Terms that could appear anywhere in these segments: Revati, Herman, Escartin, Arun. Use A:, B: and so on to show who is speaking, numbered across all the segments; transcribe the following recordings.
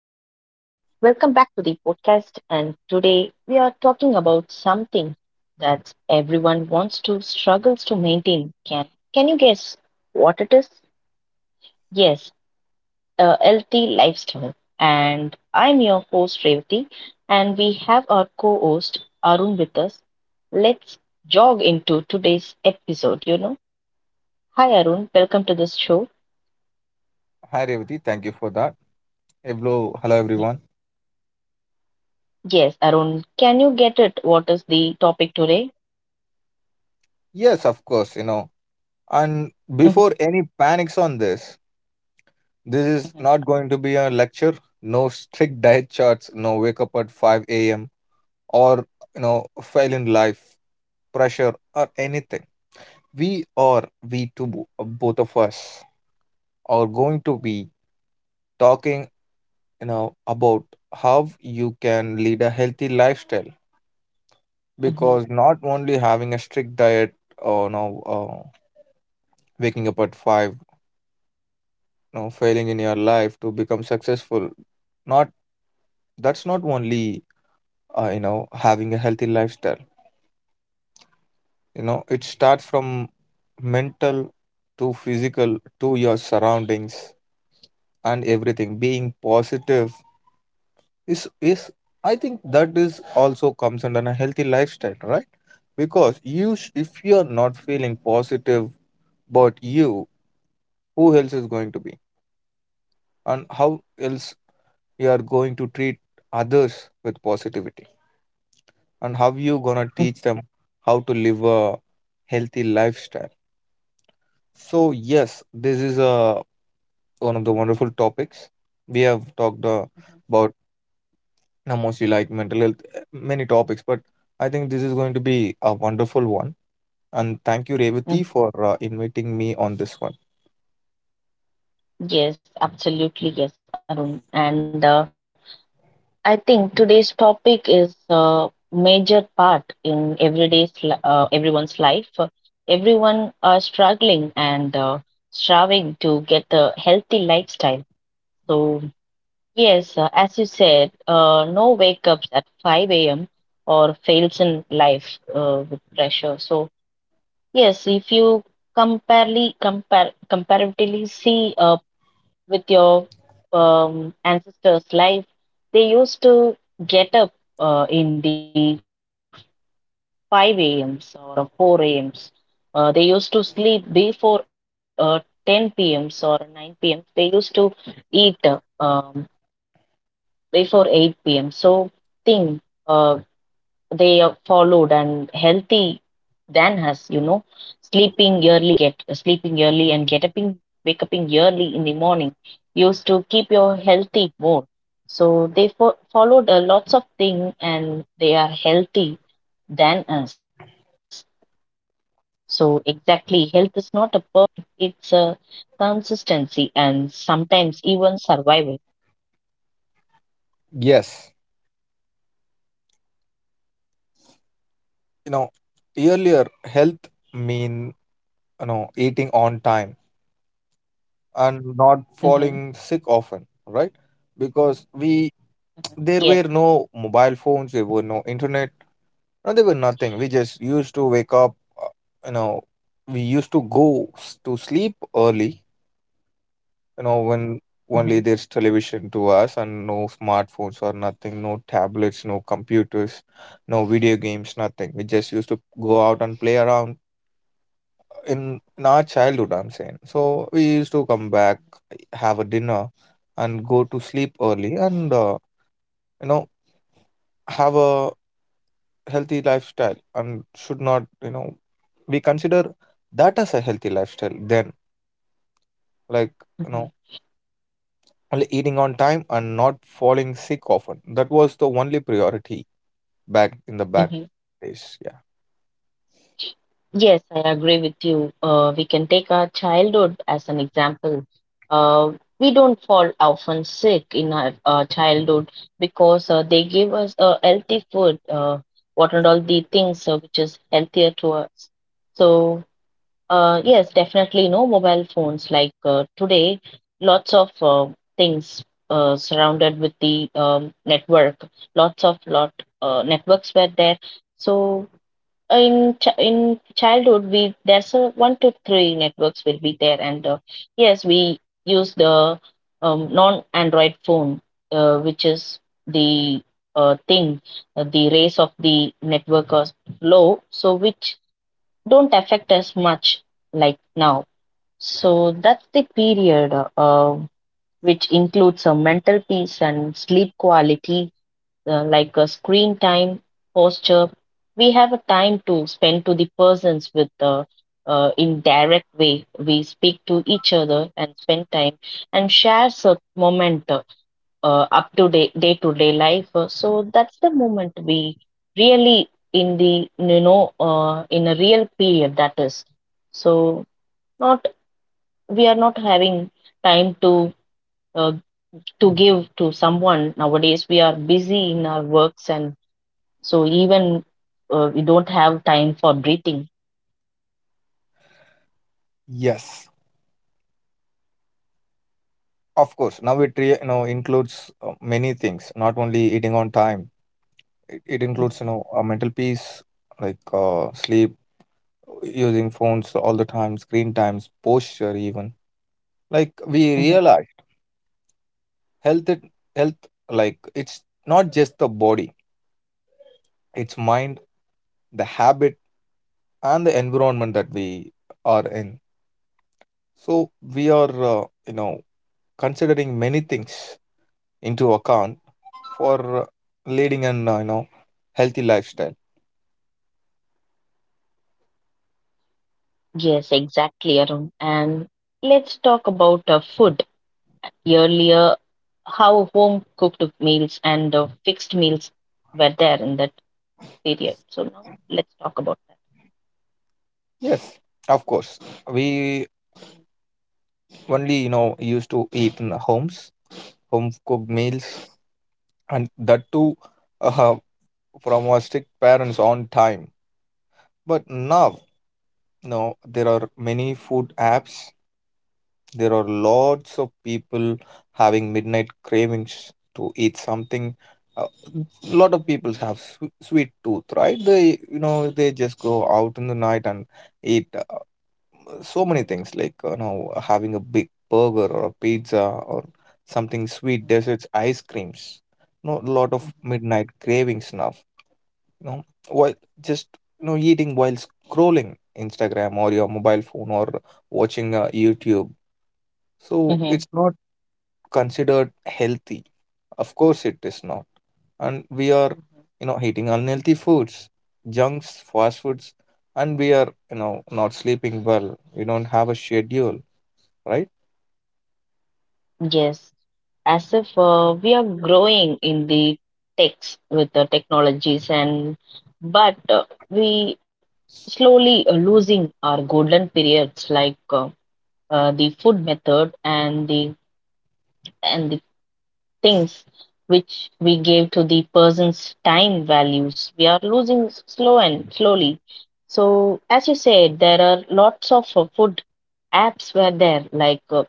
A: Welcome back to the podcast. And today we are talking about something that everyone wants to struggles to maintain. Can you guess what it is? Yes, a healthy lifestyle. And I'm your host Revati, and we have our co-host Arun with us. Let's jog into today's episode. Hi Arun, welcome to this show.
B: Hi Revati, thank you for that. Hello, hello
A: Mhm.
B: everyone.
A: Yes, Arun, can you get it? What is the topic today?
B: Yes, of course. And before
A: Hmm.
B: any panics on this, this is not going to be a lecture. No strict diet charts, no wake up at 5 a.m. or fail in life, pressure or anything. We two, both of us, are going to be talking about how you can lead a healthy lifestyle, because
A: Hmm.
B: not only having a strict diet or no waking up at 5, failing in your life to become successful, not, that's not only having a healthy lifestyle. It starts from mental to physical to your surroundings, and everything being positive is, I think, that is also comes under a healthy lifestyle, right? Because if you're not feeling positive about you, who else is going to be? And how else you are going to treat others with positivity, and how you gonna teach them
A: Mhm.
B: how to live a healthy lifestyle? So yes, this is a one of the wonderful topics we have talked about, mostly like mental health, many topics, but I think this is going to be a wonderful one. And thank you, Revati, for
A: Mhm.
B: inviting me on this one.
A: Yes, absolutely. Yes, Arun. And I think today's topic is a major part in everyone's life. Everyone are struggling and striving to get a healthy lifestyle. So yes, as you said, no wake ups at 5 a.m. or fails in life with pressure. So yes, if you comparely compare comparatively see with your ancestors' life, they used to get up in the 5 a.m.s or 4 a.m.s. They used to sleep before 10 p.m.s or 9 p.m. They used to eat before 8 p.m. So that's the thing uh, they followed, and healthy than us, sleeping early and get upping, wake up in early in the morning used to keep your healthy more. So they followed a lots of thing and they are healthy than us. So exactly, health is not a perfection; it's a consistency and sometimes even survival.
B: Yes, you know earlier health mean eating on time and not
A: Hmm.
B: falling sick often, right? Because we there
A: Yes.
B: were no mobile phones, there were no internet, no, there were nothing. We just used to wake up, we used to sleep early, when
A: Hmm.
B: only there's television to us and no smartphones or nothing, no tablets, no computers, no video games, nothing. We just used to go out and play around in in our childhood, I'm saying. So we used to come back, have a dinner, and go to sleep early, and you know have a healthy lifestyle. And should not we consider that as a healthy lifestyle then? Like, you know only eating on time and not falling sick often, that was the only priority back in the back days, yeah.
A: Yes, I agree with you. We can take our childhood as an example. Uh, we don't fall often sick in our childhood because they give us healthy food, what and all the things which is healthier to us. So, yes, definitely no mobile phones like today, lots of things surrounded with the network, lots of lot networks were there. So in childhood we there's a one to three networks will be there and yes we use the non android phone which is the thing the race of the network is low so which don't affect us much like now. So that's the period uh, which includes a mental peace and sleep quality like a screen time, posture. We have a time to spend to the persons with the indirect way. We speak to each other and spend time and share a moment up to day to day life. So that's the moment we really in the you know in a real period that is. So not we are not having time uh, to give to someone nowadays. We are busy in our works and so even we don't have time for breathing.
B: Yes, of course, now it includes many things, not only eating on time. It includes,
A: Mhm.
B: a mental peace, like sleep, using phones all the time, screen times, posture. Even like we
A: Mhm.
B: realize health it, health, like, it's not just the body, it's mind, the habit, and the environment that we are in. So we are, considering many things into account for leading an healthy lifestyle.
A: Yes, exactly, Arun. And let's talk about food. Earlier, how home cooked meals and fixed meals were there in that period. So now let's talk about that.
B: Yes, of course, we only used to eat in the homes, home cooked
A: Mhm.
B: meals, and that too uh, from our strict parents on time. But now, no, there are many food apps. There are lots of people having midnight cravings to eat something. A lot of
A: Mhm.
B: people have sweet tooth, right? They, you know, they just go out in the night and eat. So many things, like having a big burger or a pizza or something sweet,
A: Mhm.
B: desserts, ice creams, a lot of
A: Mhm.
B: midnight cravings now, while just eating while scrolling Instagram or your mobile phone or watching YouTube. So
A: Mhm. Mhm.
B: it's not considered healthy, of course it is not. And we are
A: Mhm.
B: eating unhealthy foods, junks, fast foods, and we are not sleeping well, we don't have a schedule, right?
A: Yes, as if we are growing in the techs with the technologies, and but we slowly losing our golden periods like the food method and the things which we gave to the person's time values. We are losing slow and slowly. So as you said, there are lots of food apps were there like.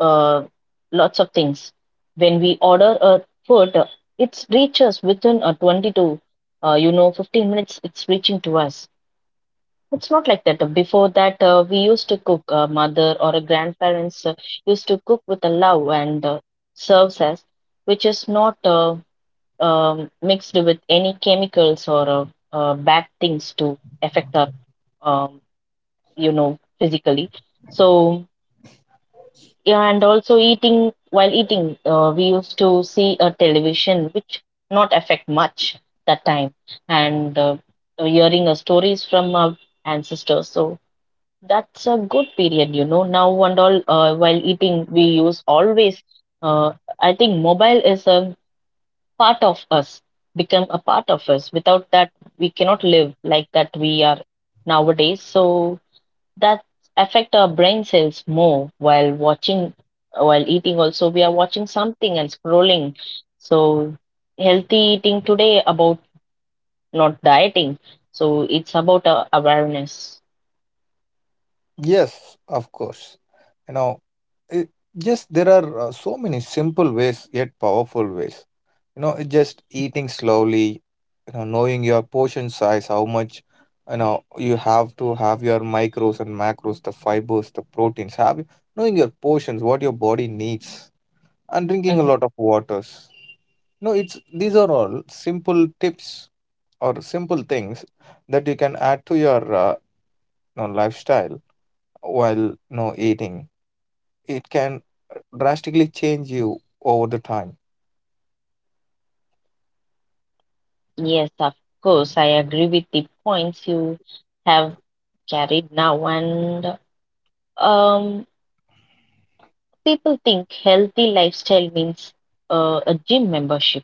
A: uh, lots of things. When we order a food, it reaches within 20 to, 15 minutes, it's reaching to us. It's not like that. Before that, we used to cook, mother or a grandparents used to cook with a love and serves us, which is not mixed with any chemicals or bad things to affect our, um, physically. So, yeah, and also eating while eating, we used to see a television which not affect much that time, and hearing stories from our ancestors. So that's a good period. Now and all, while eating, we use always. Uh, I think mobile is a part of us, become a part of us. Without that, we cannot live like that we are nowadays. So that affect our brain cells more while watching while eating also we are watching something and scrolling. So healthy eating today about not dieting, so it's about awareness.
B: Yes, of course. You know, it, just there are so many simple ways, yet powerful ways. It just eating slowly, knowing your portion size, how much, you have to have your micros and macros, the fibers, the proteins, have knowing your portions, what your body needs, and drinking a
A: Mhm.
B: lot of waters. You know, it's these are all simple tips or simple things that you can add to your lifestyle while no eating. It can drastically change you over the time.
A: Yes, of course, I agree with the points you have carried now. And um people think healthy lifestyle means a gym membership,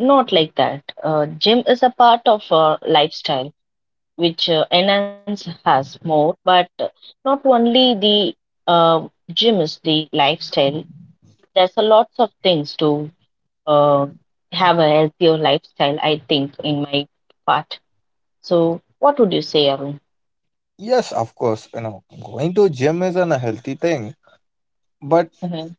A: not like that. Gym is a part of our lifestyle which enhance has more, but not only the uh, gym is the lifestyle. There's a lots of things to uh, have a healthier lifestyle, I think, in my part. So what would you say, Arun?
B: Yes, of course, going to gym is an a healthy thing, but
A: Hmm.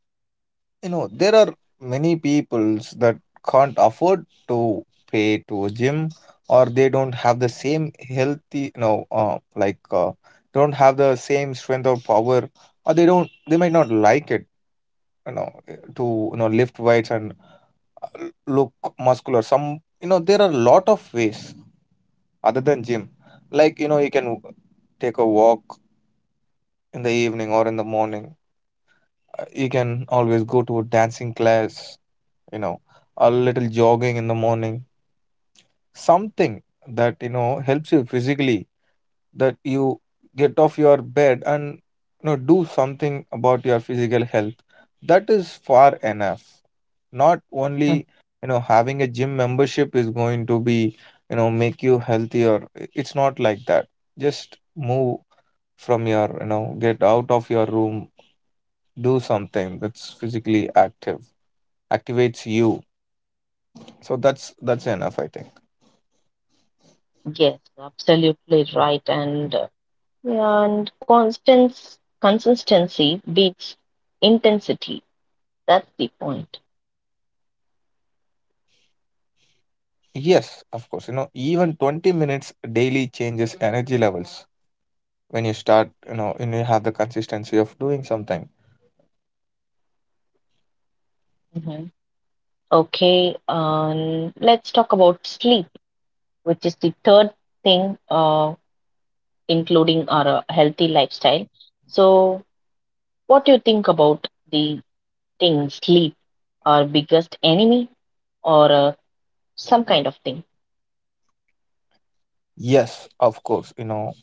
B: there are many peoples that can't afford to pay to a gym, or they don't have the same healthy, like, don't have the same strength or power, or they don't, they might not like it, to lift weights and look muscular. Some, there are a lot of ways other than gym, like, you can take a walk in the evening or in the morning. You can always go to a dancing class, you know a little jogging in the morning, something that helps you physically, that you get off your bed and do something about your physical health. That is far enough. Not only having a gym membership is going to be make you healthier. It's not like that. Just move from your, get out of your room, do something that's physically active, activates you. So that's enough, I think.
A: Yes, absolutely right, and yeah, and constance consistency beats intensity. That's the point.
B: Yes, of course, even 20 minutes daily changes energy levels when you start, when you have the consistency of doing something.
A: Hmm. Okay. Let's talk about sleep, which is the third thing, including our healthy lifestyle. So, what do you think about the thing sleep, our biggest enemy, or some kind of thing?
B: Yes, of course,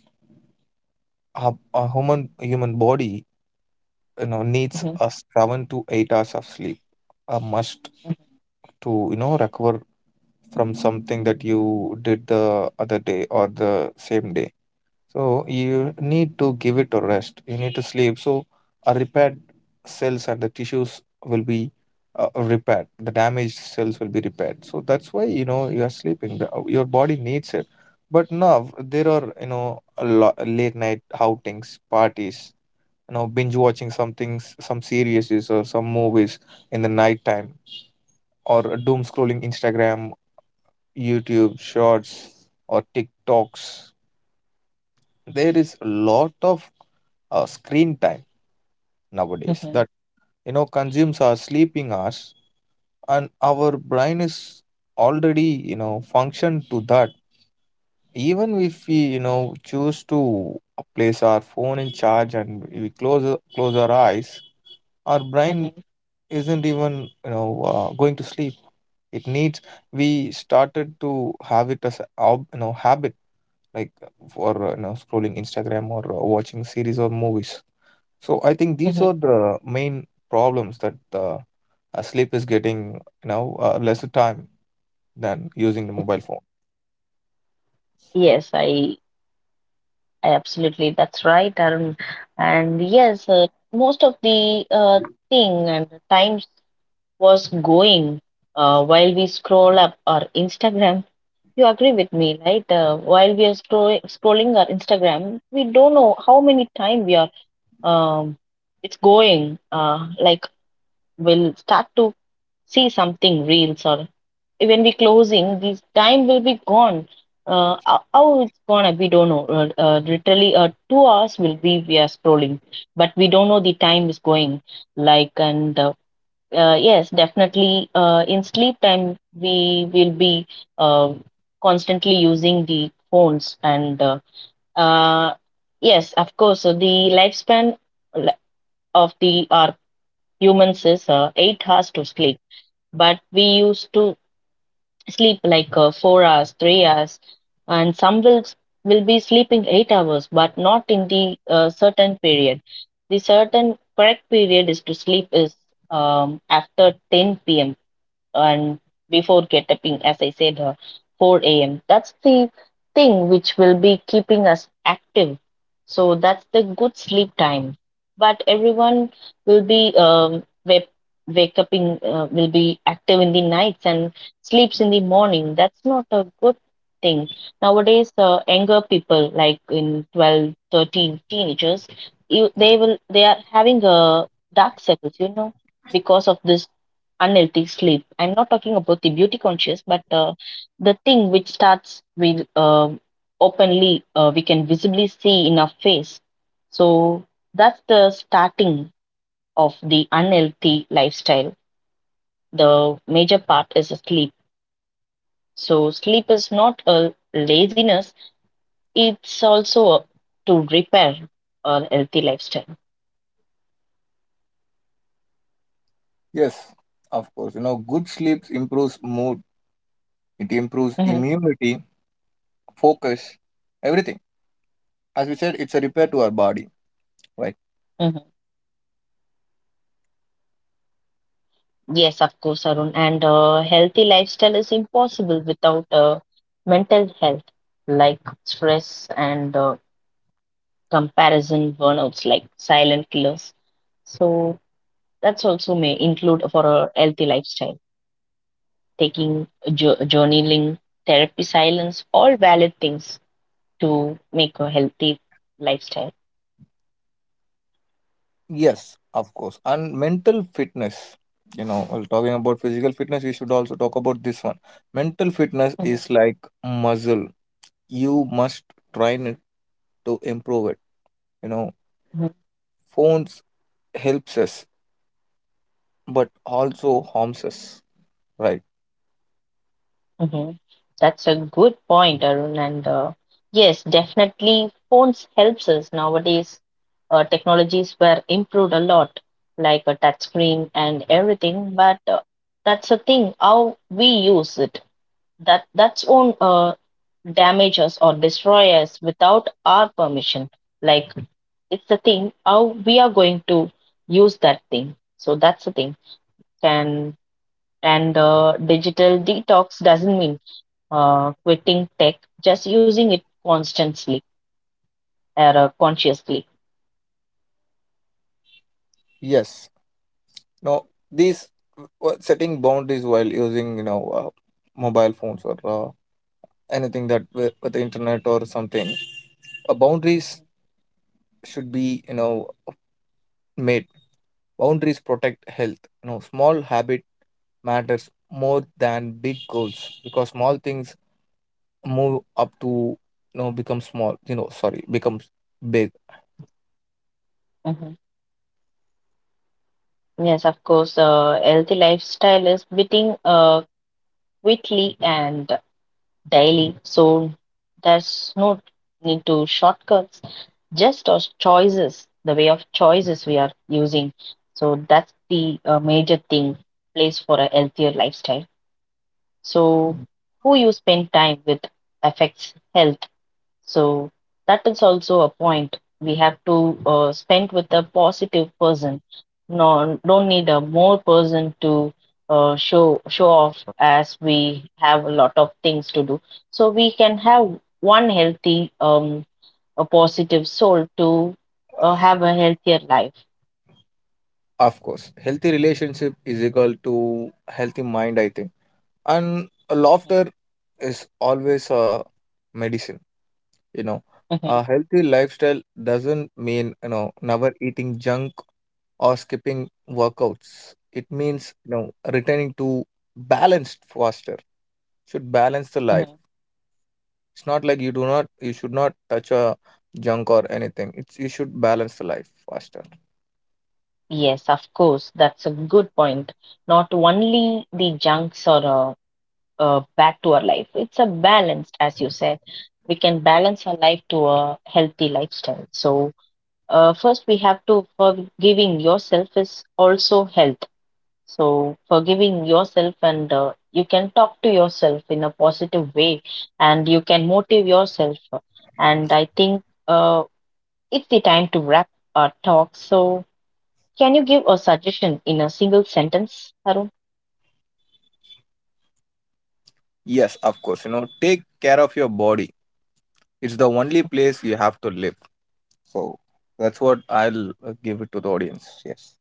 B: a human body needs
A: Mhm.
B: a 7 to 8 hours of sleep, a must to recover from something that you did the other day or the same day. So you need to give it a rest. You need to sleep. So a repaired cells and the tissues will be repaired. The damaged cells will be repaired. So that's why you are sleeping. Your body needs it. But now there are, a lot late night outings, parties. Binge watching some things, some series or some movies in the night time, or doom scrolling Instagram, YouTube shorts, or TikToks. There is a lot of screen time nowadays
A: Mhm.
B: that consumes our sleeping hours, and our brain is already function to that. Even if we choose to place our phone in charge and we close our eyes, our brain
A: Mhm.
B: isn't even going to sleep. It needs, we started to have it as a habit, like for scrolling Instagram or watching series or movies. So I think these are
A: Mhm.
B: the main problems that sleep is getting, lesser time than using the mobile
A: Mhm.
B: phone.
A: Yes, I absolutely, that's right, Arun. And yes, most of the thing and the times was going while we scroll up our Instagram. You agree with me, right? While we are scrolling our Instagram, we don't know how many time we are. Um, it's going. Like we'll start to see something reels or when we closing, this time will be gone. How it's gonna? We don't know. Literally, 2 hours will be we are scrolling, but we don't know the time is going like. And yes, definitely. In sleep time, we will be uh, constantly using the phones. And uh, yes, of course, the lifespan li- of the our humans is 8 hours to sleep, but we used to sleep like 4 hours, 3 hours, and some will be sleeping 8 hours, but not in the certain period. The certain correct period is to sleep is after 10 p.m and before getting, as I said, 4 a.m. That's the thing which will be keeping us active. So that's the good sleep time. But everyone will be wake up in, will be active in the nights and sleeps in the morning. That's not a good thing. Nowadays, younger people like in 12, 13 teenagers, they will they are having dark circles, because of this unhealthy sleep. I'm not talking about the beauty conscious, but the thing which starts with openly, we can visibly see in our face. So that's the starting of the unhealthy lifestyle. The major part is sleep. So sleep is not a laziness; it's also a, to repair a healthy lifestyle.
B: Yes, of course. Good sleep improves mood, it improves
A: Mhm.
B: immunity, focus, everything. As we said, it's a repair to our body, right?
A: Mhm. Yes, of course, Arun. And healthy lifestyle is impossible without mental health, like stress and comparison burnouts, like silent killers. So that's also may include for a healthy lifestyle, taking jo journaling, therapy, silence, all valid things to make a healthy lifestyle.
B: Yes, of course. And mental fitness. While talking about physical fitness, we should also talk about this one. Mental fitness
A: Mhm.
B: is like muscle. You must train it to improve it. You know, phones helps us but also harms us, right?
A: Hmm. That's a good point, Arun. And yes, definitely, phones helps us nowadays. Technologies were improved a lot, like a touch screen and everything. But that's the thing, how we use it. That's own damage us or destroy us without our permission. Like it's the thing, how we are going to use that thing. So that's the thing. Can and digital detox doesn't mean quitting tech, just using it constantly or consciously.
B: Yes. Now these, setting boundaries while using mobile phones or anything that with the internet or something, boundaries should be made. Boundaries protect health. Small habit matters more than big goals, because small things move up to become small, sorry, becomes big.
A: Mhm. Yes, of course. Healthy lifestyle is quitting quickly and daily, so there's no need to shortcuts. Just our choices, the way of choices we are using. So that's the major thing place for a healthier lifestyle. So who you spend time with affects health. So that is also a point. We have to spend with a positive person. No, don't need a more person to show off as we have a lot of things to do. So we can have one healthy, a positive soul to have a healthier life.
B: Of course, healthy relationship is equal to healthy mind, I think. And laughter is always a medicine, you know. A
A: Mhm.
B: healthy lifestyle doesn't mean, never eating junk or skipping workouts. It means, returning to balanced faster. Should balance the life.
A: Mhm.
B: It's not like you do not, you should not touch a junk or anything. It's you should balance the life faster.
A: Yes, of course, that's a good point. Not only the junks or back to our life. It's a balanced, as you said. We can balance our life to a healthy lifestyle. So, first, we have to forgiving yourself is also health. So, forgiving yourself, and you can talk to yourself in a positive way, and you can motivate yourself. And I think it's the time to wrap our talk. So, can you give a suggestion in a single sentence, Arun?
B: Yes, of course, take care of your body. It's the only place you have to live. So that's what I'll give it to the audience. Yes.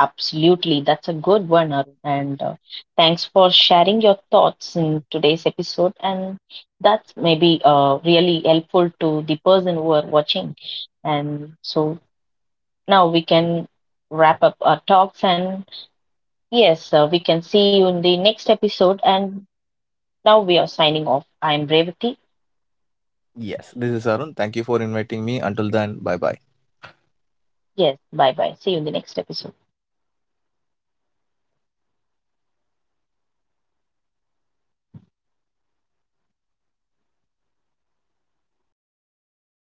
A: Absolutely, that's a good one, Arun. And thanks for sharing your thoughts in today's episode. And that's maybe really helpful to the person who are watching. And so now we can wrap up our talks. And yes, we can see you in the next episode. And now we are signing off. I'm Revati.
B: Yes. This is Arun. Thank you for inviting me. Until then, bye bye.
A: Yes, bye bye. See you in the next episode.